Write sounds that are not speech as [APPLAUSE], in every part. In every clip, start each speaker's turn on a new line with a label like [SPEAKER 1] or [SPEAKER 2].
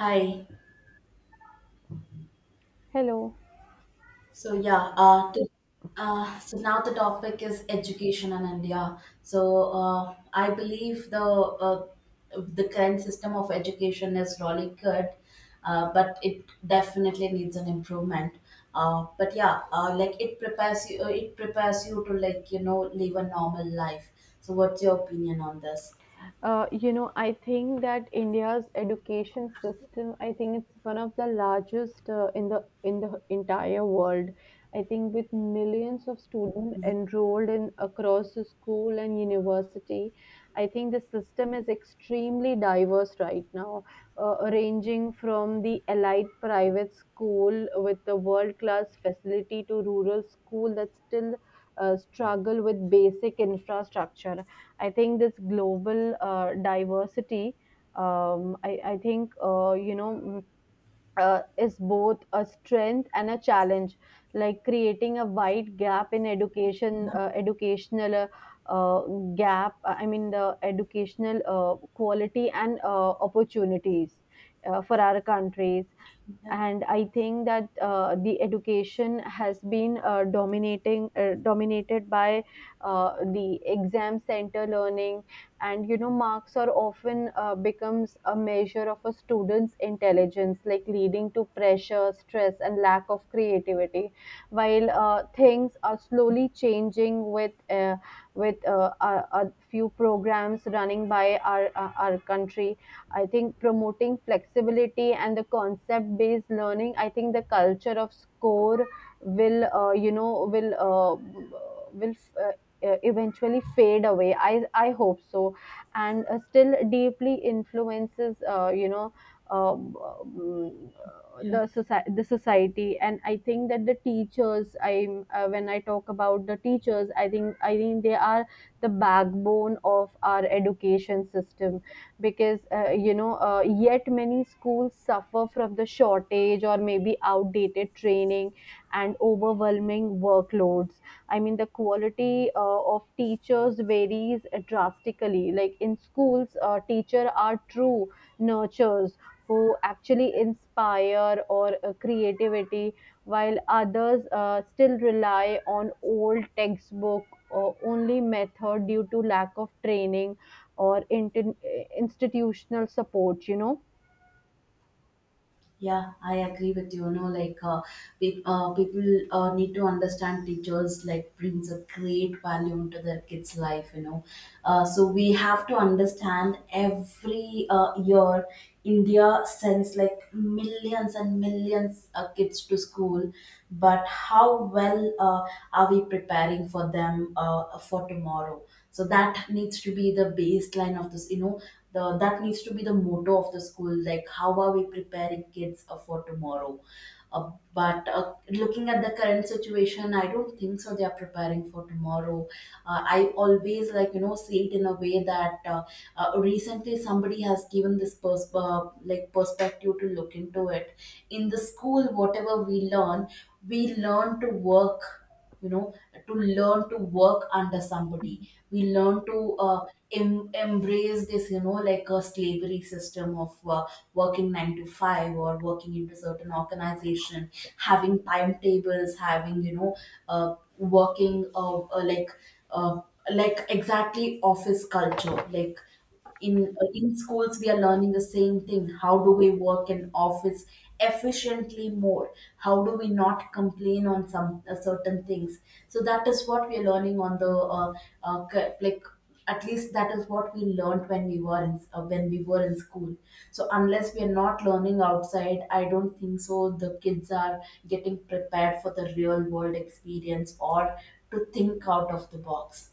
[SPEAKER 1] Hi.
[SPEAKER 2] Hello.
[SPEAKER 1] So yeah, uh, to, so now the topic is education in India. So I believe the current system of education is really good, but it definitely needs an improvement. Like it prepares you to like you know live a normal life. So what's your opinion on this?
[SPEAKER 2] I think that India's education system, I think it's one of the largest in the entire world. I think with millions of students enrolled in across the school and university, I think the system is extremely diverse right now, ranging from the elite private school with the world-class facility to rural school that still struggle with basic infrastructure. I think this global diversity, I think, is both a strength and a challenge. Like creating a wide gap in education, educational uh, gap, I mean, the educational quality and opportunities for our countries. And I think that the education has been dominating dominated by the exam center learning. And marks are often becomes a measure of a student's intelligence, like leading to pressure, stress, and lack of creativity, while things are slowly changing with a few programs running by our country. I think promoting flexibility and the concept based learning, I think the culture of score will, you know, will, will uh, uh, eventually fade away. I hope so. And still deeply influences, um, um, the society. And I think that the teachers I when I talk about the teachers, I think they are the backbone of our education system, because yet many schools suffer from the shortage or maybe outdated training and overwhelming workloads. I mean the quality of teachers varies drastically, like in schools, teacher are true nurturers who actually inspire or creativity, while others still rely on old textbook or only method due to lack of training or institutional support.
[SPEAKER 1] Yeah, I agree with you. You know, people need to understand teachers like brings a great value into their kids' life. You know, so we have to understand every year India sends like millions and millions of kids to school, but how well are we preparing for them for tomorrow? So that needs to be the baseline of this you know the That needs to be the motto of the school, like how are we preparing kids for tomorrow. But looking at the current situation, I don't think so they are preparing for tomorrow. I always like you know see it in a way that recently somebody has given this perspective to look into it. In the school whatever we learn, we learn to work, you know, to learn to work under somebody. We learn to embrace this, you know, like a slavery system of working 9 to 5, or working into certain organization, having timetables, having you know, working uh, like exactly office culture. Like in schools we are learning the same thing, how do we work in office efficiently more, how do we not complain on some certain things. So that is what we are learning on the uh, like, at least that is what we learned when we were in when we were in school. So unless we are not learning outside, I don't think so the kids are getting prepared for the real world experience, or to think out of the box,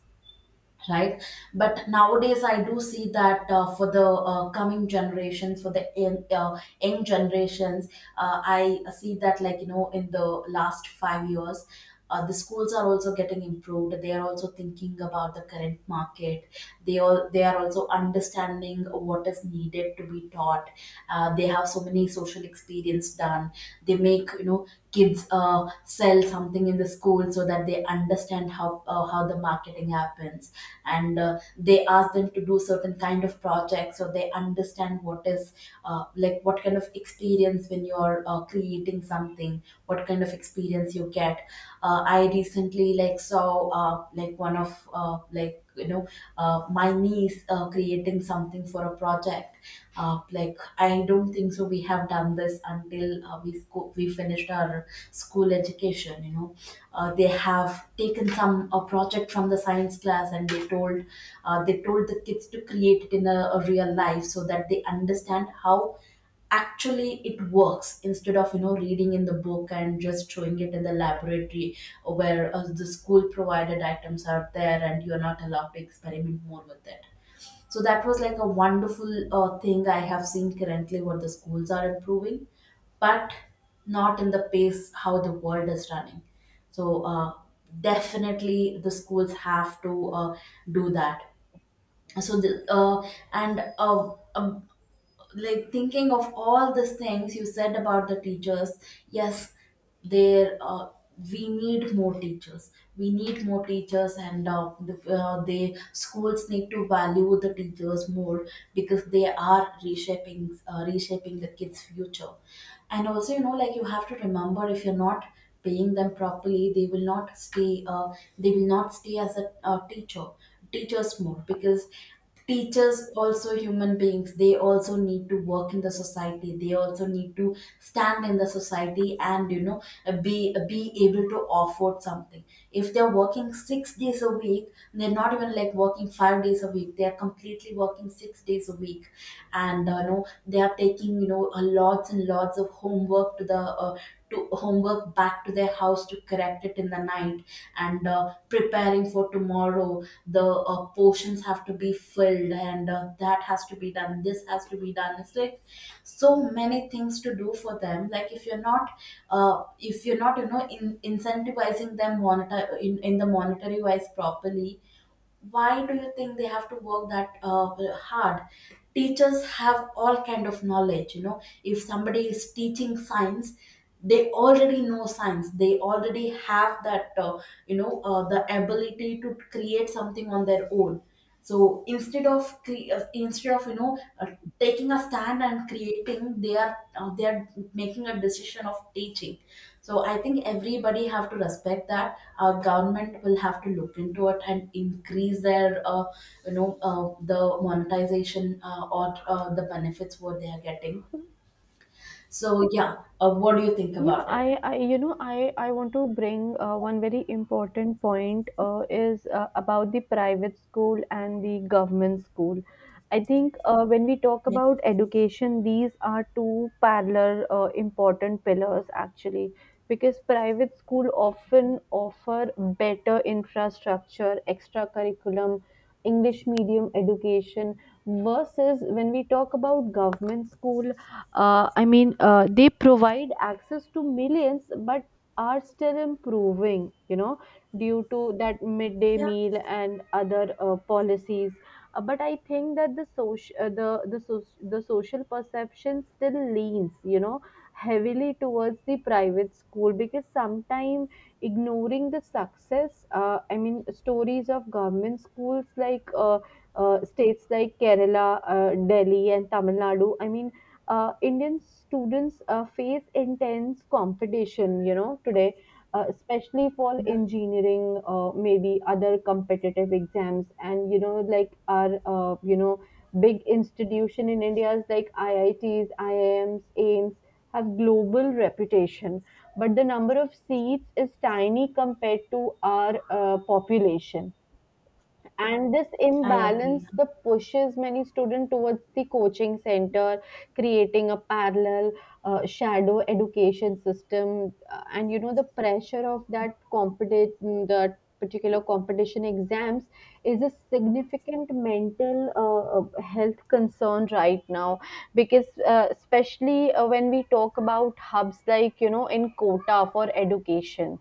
[SPEAKER 1] right? But nowadays I do see that for the coming generations, for the young generations, I see that like you know in the last 5 years, the schools are also getting improved, they are also thinking about the current market, they all they are also understanding what is needed to be taught. They have so many social experience done, they make you know kids sell something in the school so that they understand how how the marketing happens, and they ask them to do certain kind of projects so they understand what is like what kind of experience when you're creating something, what kind of experience you get. I recently like saw like one of like you know my niece creating something for a project. Like, I don't think so we have done this until we finished our school education, you know. Uh, they have taken some a project from the science class and they told, they told the kids to create it in a real life so that they understand how actually it works, instead of you know reading in the book and just showing it in the laboratory where the school provided items are there and you're not allowed to experiment more with it. So that was like a wonderful thing I have seen currently, what the schools are improving, but not in the pace how the world is running. So definitely the schools have to do that. So the, and um, like thinking of all these things you said about the teachers, yes, there we need more teachers. We need more teachers, and the schools need to value the teachers more, because they are reshaping the kids future. And also you know like you have to remember, if you're not paying them properly they will not stay, they will not stay as a teacher. Teachers more, because teachers also human beings, they also need to work in the society, they also need to stand in the society, and you know be able to afford something. If they're working 6 days a week, they're not even like working 5 days a week, they're completely working 6 days a week. And you know they are taking you know a lots and lots of homework to the to homework back to their house to correct it in the night. And preparing for tomorrow, the portions have to be filled, and that has to be done, this has to be done. It's like so many things to do for them. Like if you're not you know incentivizing them monitor in the monetary wise properly, why do you think they have to work that hard? Teachers have all kind of knowledge, you know. If somebody is teaching science, they already know science, they already have that you know the ability to create something on their own. So instead of you know taking a stand and creating, they are making a decision of teaching. So I think everybody have to respect that. Our government will have to look into it and increase their you know the monetization or the benefits what they are getting. So yeah, what do you think
[SPEAKER 2] Yeah,
[SPEAKER 1] about it?
[SPEAKER 2] I, you know, I want to bring one very important point is about the private school and the government school. I think when we talk
[SPEAKER 1] Yeah,
[SPEAKER 2] about education, these are two parallel important pillars, actually, because private school often offer better infrastructure, extra curriculum, English medium education, versus when we talk about government school. I mean, they provide access to millions, but are still improving, due to that midday
[SPEAKER 1] yeah,
[SPEAKER 2] meal and other policies. But I think that the social, the, soc- the social perception still leans, heavily towards the private school, because sometimes ignoring the success, I mean, stories of government schools, like states like Kerala, Delhi, and Tamil Nadu. I mean Indian students face intense competition, you know, today, especially for engineering, maybe other competitive exams. And, like our, big institution in India is like IITs, IIMs, AIMS have global reputation. But the number of seats is tiny compared to our population, and this
[SPEAKER 1] I agree.
[SPEAKER 2] imbalance the pushes many students towards the coaching center, creating a parallel shadow education system. And the pressure of that particular competition exams is a significant mental health concern right now, because especially when we talk about hubs, like in quota for education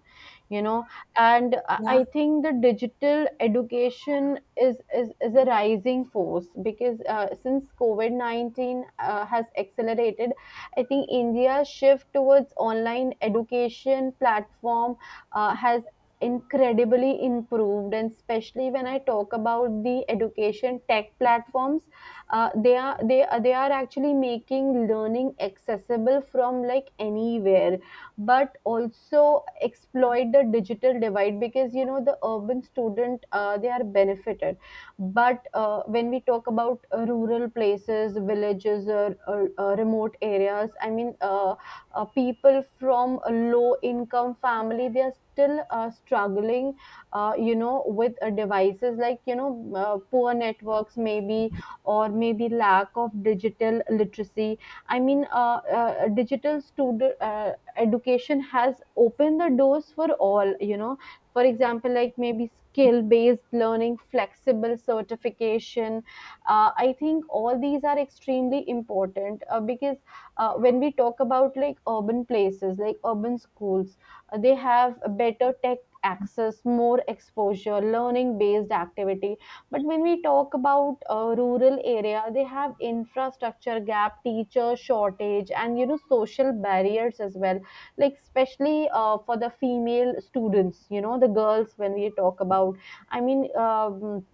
[SPEAKER 2] you know and i
[SPEAKER 1] Yeah,
[SPEAKER 2] I think the digital education is a rising force, because since COVID-19 has accelerated. I think India's shift towards online education platform has incredibly improved, and especially when I talk about the education tech platforms, they are actually making learning accessible from like anywhere, but also exploit the digital divide, because the urban student, they are benefited. But when we talk about rural places, villages, or remote areas, I mean, people from a low income family, they are still struggling, with devices, like poor networks maybe, or maybe lack of digital literacy. I mean digital student education has opened the doors for all, you know, for example, like maybe skill based learning, flexible certification. I think all these are extremely important, because when we talk about, like, urban places, like urban schools, they have better tech access, more exposure, learning based activity. But when we talk about rural area, they have infrastructure gap, teacher shortage, and you know social barriers as well, like especially for the female students, you know, the girls, when we talk about, I mean,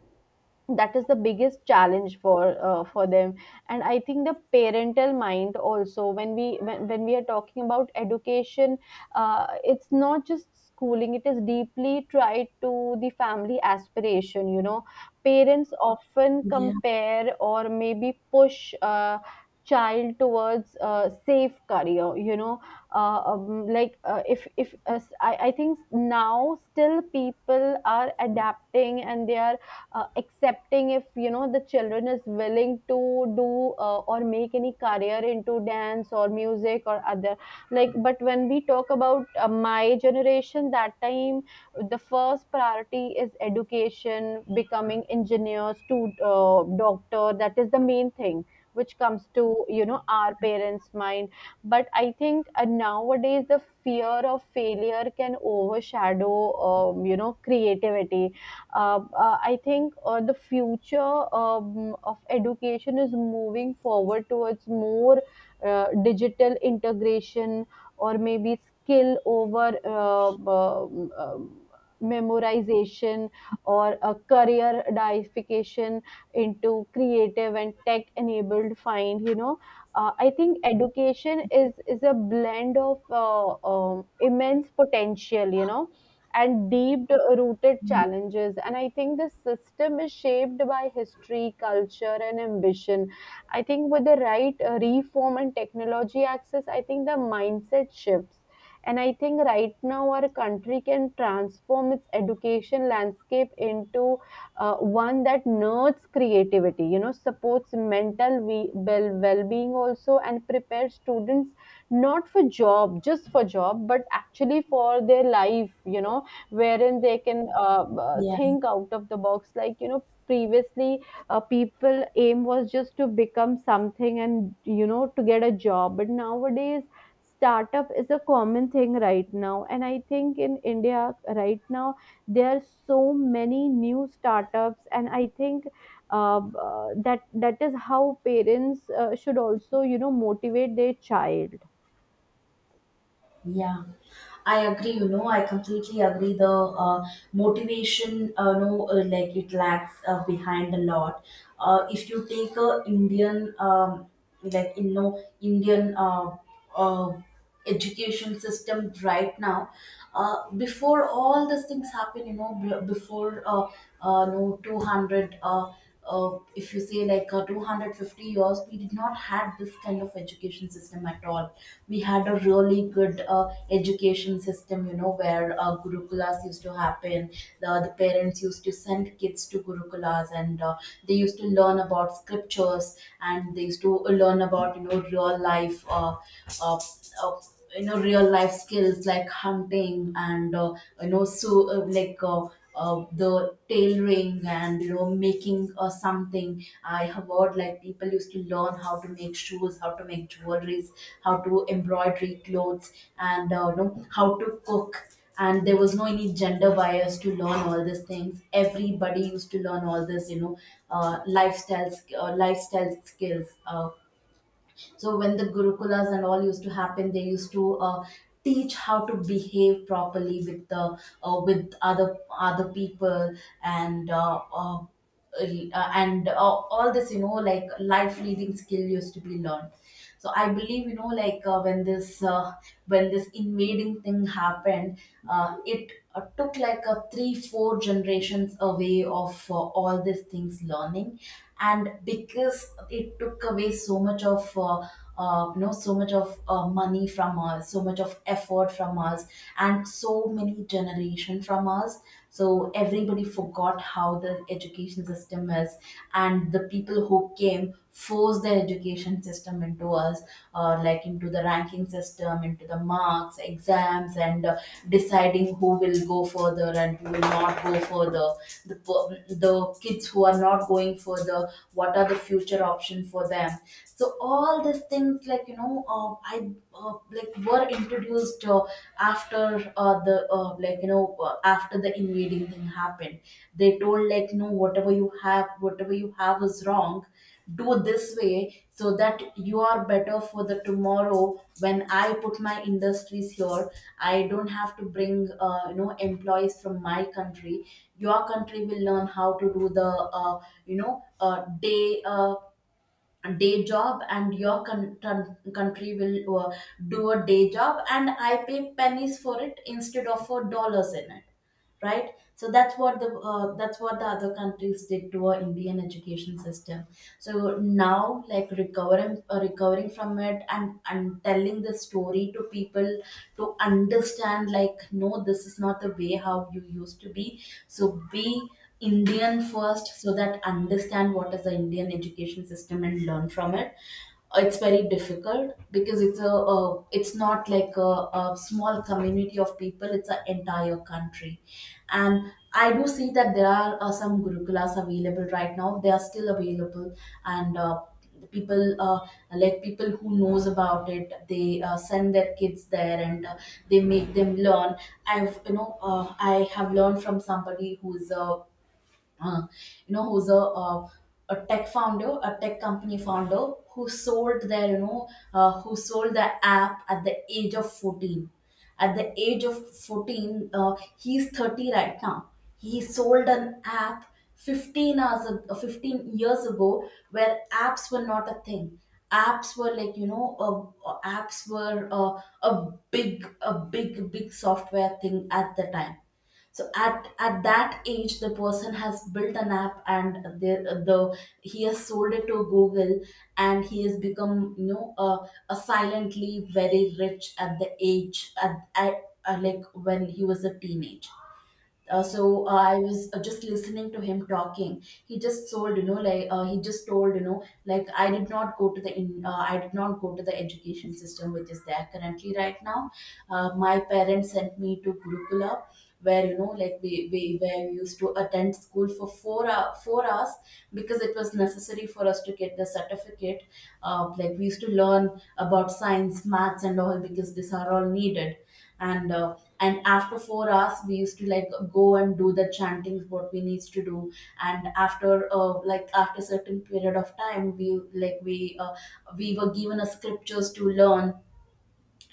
[SPEAKER 2] that is the biggest challenge for them. And I think the parental mind also, when when we are talking about education, it's not just schooling, it is deeply tied to the family aspiration, you know. Parents often
[SPEAKER 1] yeah,
[SPEAKER 2] compare or maybe push child towards a safe career, you know. Like if I think now still people are adapting and they are accepting if you know the children is willing to do or make any career into dance or music or other, like. But when we talk about my generation, that time the first priority is education, becoming engineers to doctor, that is the main thing which comes to, you know, our parents mind. But I think nowadays the fear of failure can overshadow creativity. I think the future of education is moving forward towards more digital integration, or maybe skill over memorization, or a career diversification into creative and tech enabled find, you know. I think education is a blend of immense potential, you know, and deep rooted challenges. And I think the system is shaped by history, culture, and ambition. I think with the right reform and technology access, I think the mindset shifts. And I think right now our country can transform its education landscape into one that nurtures creativity, you know, supports mental well-being also, and prepares students not for job, just for job, but actually for their life, you know, wherein they can
[SPEAKER 1] yeah.
[SPEAKER 2] think out of the box, like you know previously, people aim was just to become something, and you know, to get a job. But nowadays startup is a common thing right now, and I think in India right now there are so many new startups, and I think that is how parents should also, you know, motivate their child.
[SPEAKER 1] Yeah, I agree. You know, I completely agree. The motivation, no, like it lags behind a lot. If you take a Indian, like you know, Indian uh, education system right now, before all these things happen, you know, b- before no 200. If you say like 250 years, we did not have this kind of education system at all. We had a really good education system, you know, where gurukulas used to happen. The parents used to send kids to gurukulas, and they used to learn about scriptures, and they used to learn about you know real life uh, uh, you know, real life skills like hunting, and you know so the tailoring, and you know making something. I have heard like people used to learn how to make shoes, how to make jewelries, how to embroidery clothes, and you know how to cook. And there was no any gender bias to learn all these things, everybody used to learn all this, you know, lifestyle skills. So when the gurukulas and all used to happen, they used to teach how to behave properly with the with other other people. And. Uh, uh, uh, and uh, all this you know like life leading skill used to be learned. So I believe you know when this invading thing happened, it took like a 3 4 generations away of all these things learning. And because it took away so much of you know so much of money from us, so much of effort from us, and so many generation from us. So everybody forgot how the education system is, and the people who came force the education system into us, like into the ranking system, into the marks, exams, and deciding who will go further and who will not go further. The kids who are not going further, what are the future option for them? So all these things like you know I like were introduced after the like you know after the invading thing happened. They told like, no, whatever you have, whatever you have is wrong, do this way so that you are better for the tomorrow. When I put my industries here, I don't have to bring you know employees from my country. Your country will learn how to do the you know uh, day uh, day job, and your country will do a day job, and I pay pennies for it instead of for dollars in it, right? So that's what the other countries did to our Indian education system. So now, like recovering, recovering from it, and telling the story to people to understand, like, no, this is not the way how you used to be. So be Indian first, so that understand what is the Indian education system and learn from it. It's very difficult, because it's a it's not like a small community of people, it's an entire country. And I do see that there are some Gurukulas available right now, they are still available. And the people, like people who knows about it, they send their kids there, and they make them learn. I've you know I have learned from somebody who's a uh, you know who's a tech founder, a tech company founder who sold their, who sold the app at the age of 14, at the age of 14, he's 30 right now. He sold an app 15 years ago, where apps were not a thing. Apps were, apps were a big, big software thing at the time. So at that age the person has built an app, and the the he has sold it to Google. And he has become, a silently very rich at the age, at like when he was a teenage. So I was just listening to him talking. He just told, he just told, I did not go to the in I did not go to the education system which is there currently right now. My parents sent me to Gurukula, where you know like we where we used to attend school for 4 hours, because it was necessary for us to get the certificate. We used to learn about science, maths and all, because these are all needed. And after 4 hours we used to like go and do the chantings, what we needs to do. And after, after certain period of time, we like we were given a scriptures to learn.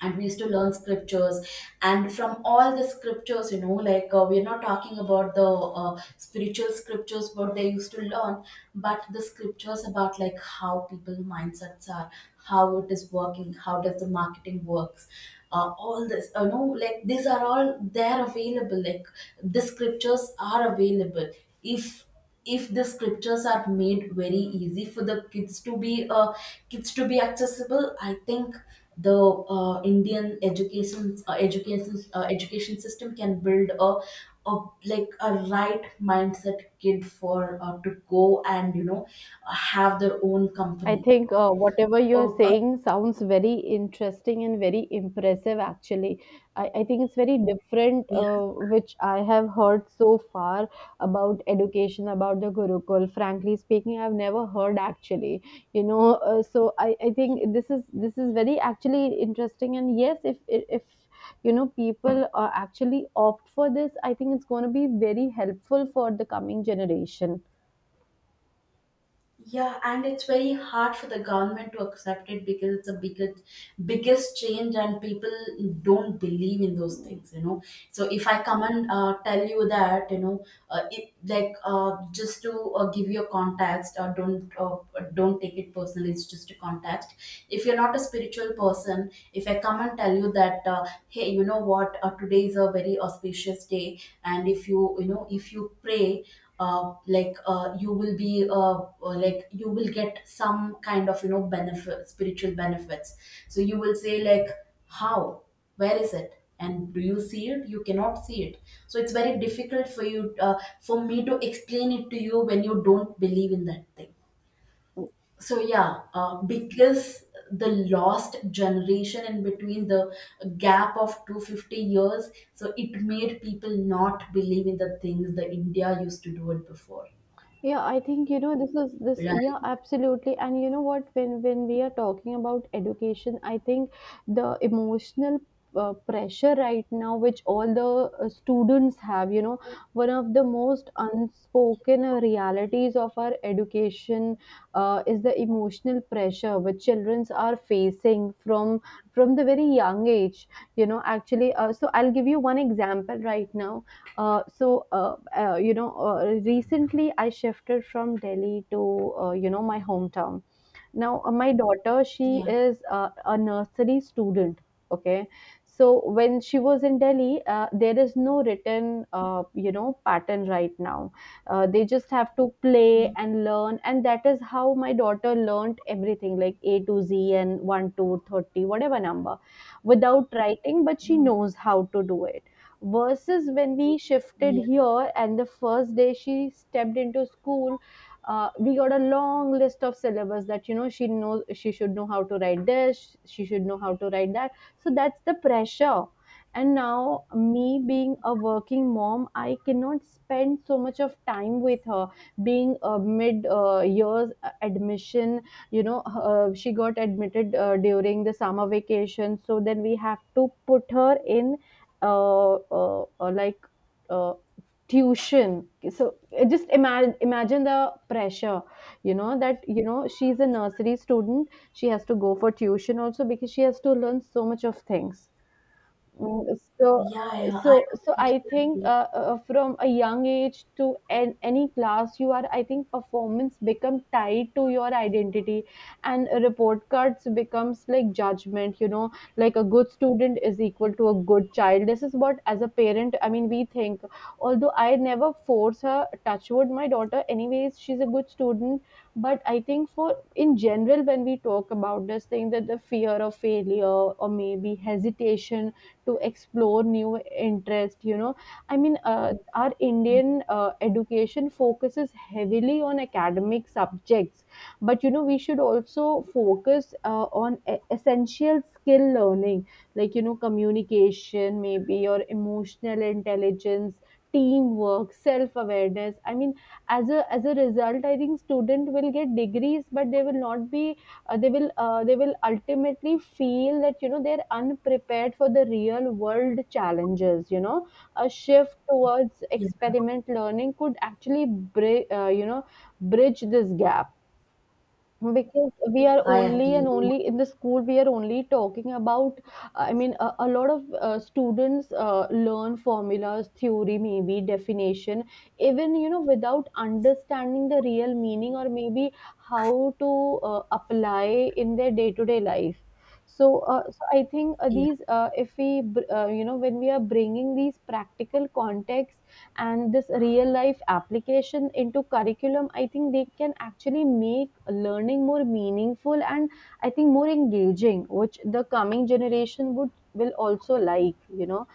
[SPEAKER 1] And we used to learn scriptures. And from all the scriptures, we're not talking about the spiritual scriptures what they used to learn, but the scriptures about like how people mindsets are, how it is working, how does the marketing works. All this, these are all, they're available, like the scriptures are available. If if the scriptures are made very easy for the kids to be, kids to be accessible, I think the Indian education system can build a like a right mindset kid for, to go and you know have their own
[SPEAKER 2] I
[SPEAKER 1] company,
[SPEAKER 2] think whatever you're
[SPEAKER 1] or
[SPEAKER 2] saying sounds very interesting and very impressive, actually. I think it's very different, which I have heard so far about education, about the Gurukul. Frankly speaking, I've never heard actually, you know. So I think this is very actually interesting. And yes, if people actually opt for this, I think it's going to be very helpful for the coming generation.
[SPEAKER 1] yeah, and it's very hard for the government to accept it, because it's a biggest, biggest change, and people don't believe in those things. You know, so if I come and tell you that, you know it, like just to give you a context. Or don't, don't take it personally, it's just a context. If you're not a spiritual person, if I come and tell you that, hey, you know what, today is a very auspicious day, and if you, you know if you pray, you will be, you will get some kind of, benefit, spiritual benefits. So you will say like, how, where is it, and do you see it? You cannot see it. So it's very difficult for you, for me to explain it to you when you don't believe in that thing. So yeah, because the lost generation in between the gap of 250 years, so it made people not believe in the things the India used to do it before.
[SPEAKER 2] Yeah, I think, you know this is this
[SPEAKER 1] Right.
[SPEAKER 2] yeah, absolutely. And you know what, when we are talking about education, I think the emotional pressure right now which all the students have, you know, one of the most unspoken realities of our education is the emotional pressure which childrens are facing from the very young age, you know, actually. So I'll give you one example right now. So, recently I shifted from Delhi to, my hometown. Now, my daughter, she
[SPEAKER 1] Yeah,
[SPEAKER 2] is a nursery student. Okay. So when she was in Delhi, there is no written, pattern right now. They just have to
[SPEAKER 1] yeah,
[SPEAKER 2] play and learn, and that is how my daughter learned everything, like A to Z and one two thirty whatever number, without writing. But she
[SPEAKER 1] yeah,
[SPEAKER 2] knows how to do it. Versus when we shifted
[SPEAKER 1] yeah,
[SPEAKER 2] here, and the first day she stepped into school, we got a long list of syllabus that she knows she should know how to write this, she should know how to write that. So that's the pressure. And now, me being a working mom, I cannot spend so much of time with her, being a mid years admission. She got admitted during the summer vacation, so then we have to put her in like uh, tuition. So just imagine the pressure, that she's a nursery student, she has to go for tuition also because she has to learn so much of things. Mm, so
[SPEAKER 1] yeah, yeah, I
[SPEAKER 2] so I
[SPEAKER 1] completely
[SPEAKER 2] think,
[SPEAKER 1] agree.
[SPEAKER 2] from a young age to an, any class you are, I think performance become tied to your identity, and report cards becomes like judgment, like a good student is equal to a good child. This is what as a parent, I mean, we think. Although I never force her, touch wood, my daughter anyways, she's a good student. But I think for in general, when we talk about this thing, that the fear of failure or maybe hesitation to explore new interest, I mean, our Indian education focuses heavily on academic subjects, but you know we should also focus on essential skill learning, like you know communication maybe, or emotional intelligence, teamwork, self awareness. I mean, as a result, I think student will get degrees, but they will not be they will ultimately feel that you know they're unprepared for the real world challenges, you know. A shift towards
[SPEAKER 1] Yeah,
[SPEAKER 2] experiment learning could actually you know bridge this gap, because we are
[SPEAKER 1] I
[SPEAKER 2] only
[SPEAKER 1] agree.
[SPEAKER 2] and only in the school, we are only talking about. I mean, a lot of students learn formulas, theory, maybe definition, even you know, without understanding the real meaning, or maybe how to apply in their day-to-day life. So, so I think
[SPEAKER 1] Yeah,
[SPEAKER 2] these, if we, you know, when we are bringing these practical context and this real life application into curriculum, I think they can actually make learning more meaningful and I think more engaging, which the coming generation would will also, like, you know.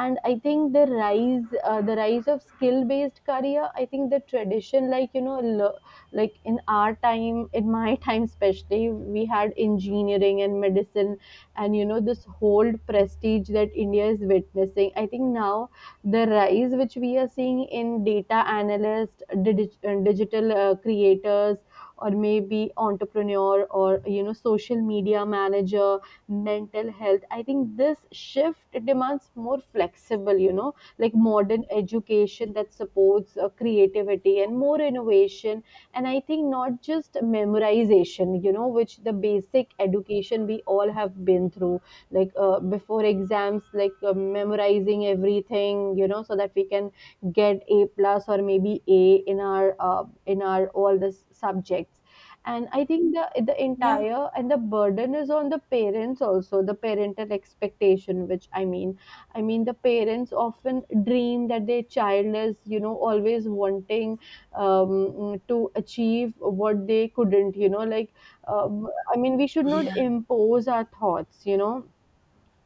[SPEAKER 2] And I think the rise, the rise of skill based career, I think the tradition, like you know, like in our time, in my [LAUGHS] time especially, we had engineering and medicine, and you know this whole prestige that India is witnessing. I think now the rise which we are seeing in data analysts, digital creators, or maybe entrepreneur, or you know social media manager, mental health. I think this shift demands more flexible, you know, like modern education that supports creativity and more innovation. And I think not just memorization, you know, which the basic education we all have been through, like before exams, like memorizing everything, you know, so that we can get a plus or maybe A in our, in our all the subjects. And I think the
[SPEAKER 1] yeah,
[SPEAKER 2] entire and the burden is on the parents also, the parental expectation, which I mean, I mean the parents often dream that their child is you know always wanting to achieve what they couldn't, you know, like, uh, I mean we should not
[SPEAKER 1] yeah.
[SPEAKER 2] impose our thoughts, you know.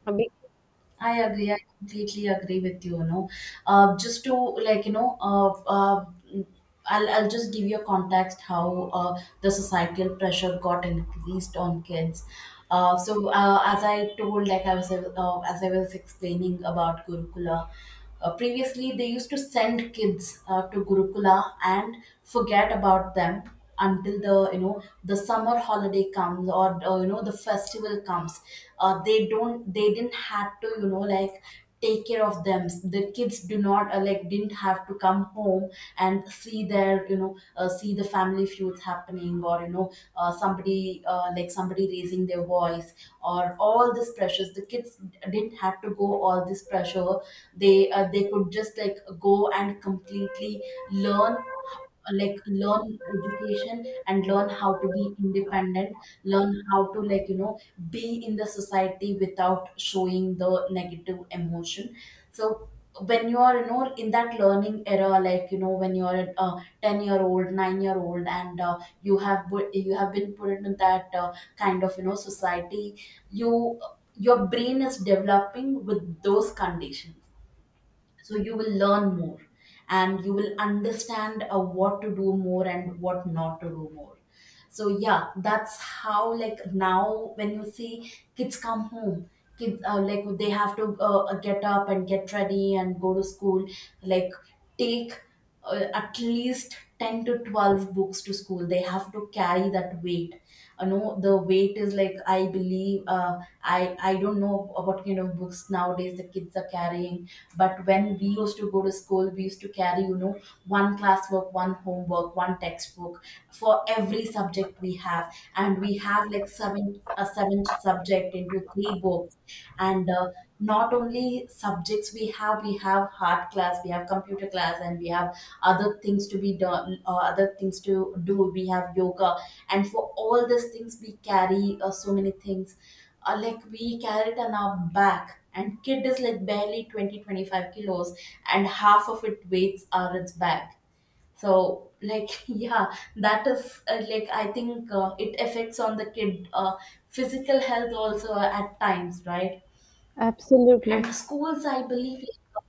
[SPEAKER 2] uh,
[SPEAKER 1] I agree, I completely agree with you. You know, uh, just to like you know, uh, uh, I'll just give you a context how the societal pressure got increased on kids. So as I told, like I was as I was explaining about Gurukula, previously they used to send kids to Gurukula and forget about them until the you know the summer holiday comes, or the festival comes. They didn't have to, take care of them. The kids do not like didn't have to come home and see their, see the family feuds happening, or somebody raising their voice, or all this pressures. The kids didn't have to go all this pressure. They could just like go and completely learn, learn education and learn how to be independent, learn how to be in the society without showing the negative emotion. So when you are, in that learning era, when you are a 10-year old, 9-year old, and you have been put into that kind of, society, you your brain is developing with those conditions. So you will learn more, and you will understand what to do more and what not to do more. So yeah, that's how, like now when you see kids come home, kids like they have to, get up and get ready and go to school, like take at least 10 to 12 books to school, they have to carry that weight. I know the weight is like, I believe, I don't know what kind of books nowadays the kids are carrying. But when we used to go to school, we used to carry, you know, one classwork, one homework, one textbook for every subject we have. And we have like seven subject into three books. And not only subjects we have, we have hard class, we have computer class, and we have other things to do, we have yoga. And for all these things, we carry, so many things, we carry it on our back. And kid is like barely 20-25 kilos, and half of it weights are its back. So like [LAUGHS] yeah, that is, I think, it affects on the kid physical health also at times, right?
[SPEAKER 2] Absolutely.
[SPEAKER 1] And schools I believe, like,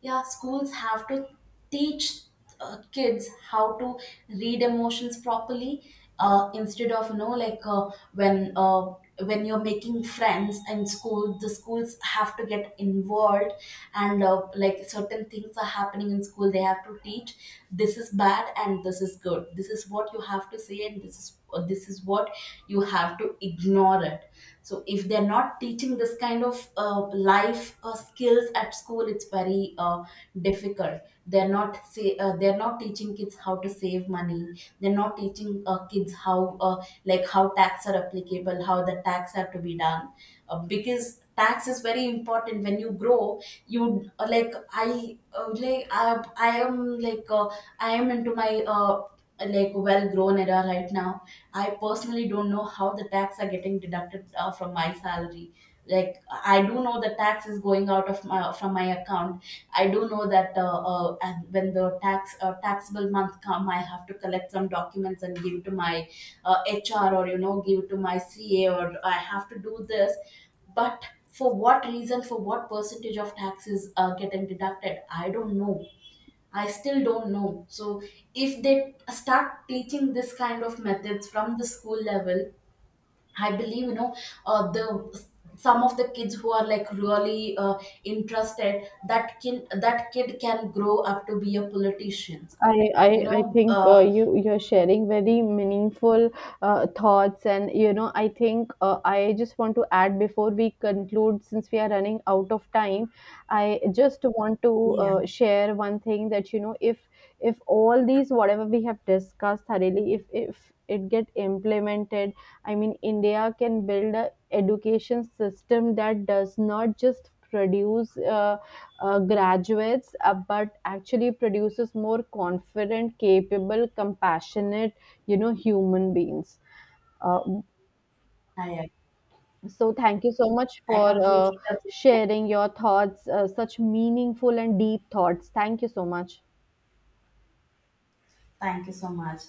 [SPEAKER 1] yeah, schools have to teach kids how to read emotions properly, instead of, when you're making friends in school, the schools have to get involved. And certain things are happening in school, they have to teach this is bad and this is good, this is what you have to say, and this is what you have to ignore it. So if they're not teaching this kind of life skills at school, it's very difficult. They're not teaching kids how to save money, they're not teaching kids how, how tax are applicable, how the tax have to be done. Because tax is very important when you grow. You uh, like i uh, like I, I am like, I am into my, well grown era right now. I personally don't know how the tax are getting deducted from my salary. Like I do know the tax is going out of my from my account. I do know that. And when the taxable month come, I have to collect some documents and give to my HR, or you know, give to my CA, or I have to do this. But for what reason, for what percentage of taxes are getting deducted, I don't know, I still don't know. So if they start teaching this kind of methods from the school level, I believe, you know the some of the kids who are like really, interested, that kid can grow up to be a politician.
[SPEAKER 2] I, I,
[SPEAKER 1] You
[SPEAKER 2] I
[SPEAKER 1] know,
[SPEAKER 2] think you you're sharing very meaningful thoughts, and you know I think, I just want to add before we conclude, since we are running out of time. I just want to
[SPEAKER 1] yeah,
[SPEAKER 2] share one thing that you know, if all these whatever we have discussed thoroughly, if it get implemented, I mean India can build a education system that does not just produce graduates, but actually produces more confident, capable, compassionate, you know, human beings. Uh,
[SPEAKER 1] I
[SPEAKER 2] so thank you so much
[SPEAKER 1] I
[SPEAKER 2] for
[SPEAKER 1] completely agree.
[SPEAKER 2] sharing your thoughts, such meaningful and deep thoughts. Thank you so much.
[SPEAKER 1] Thank you so much.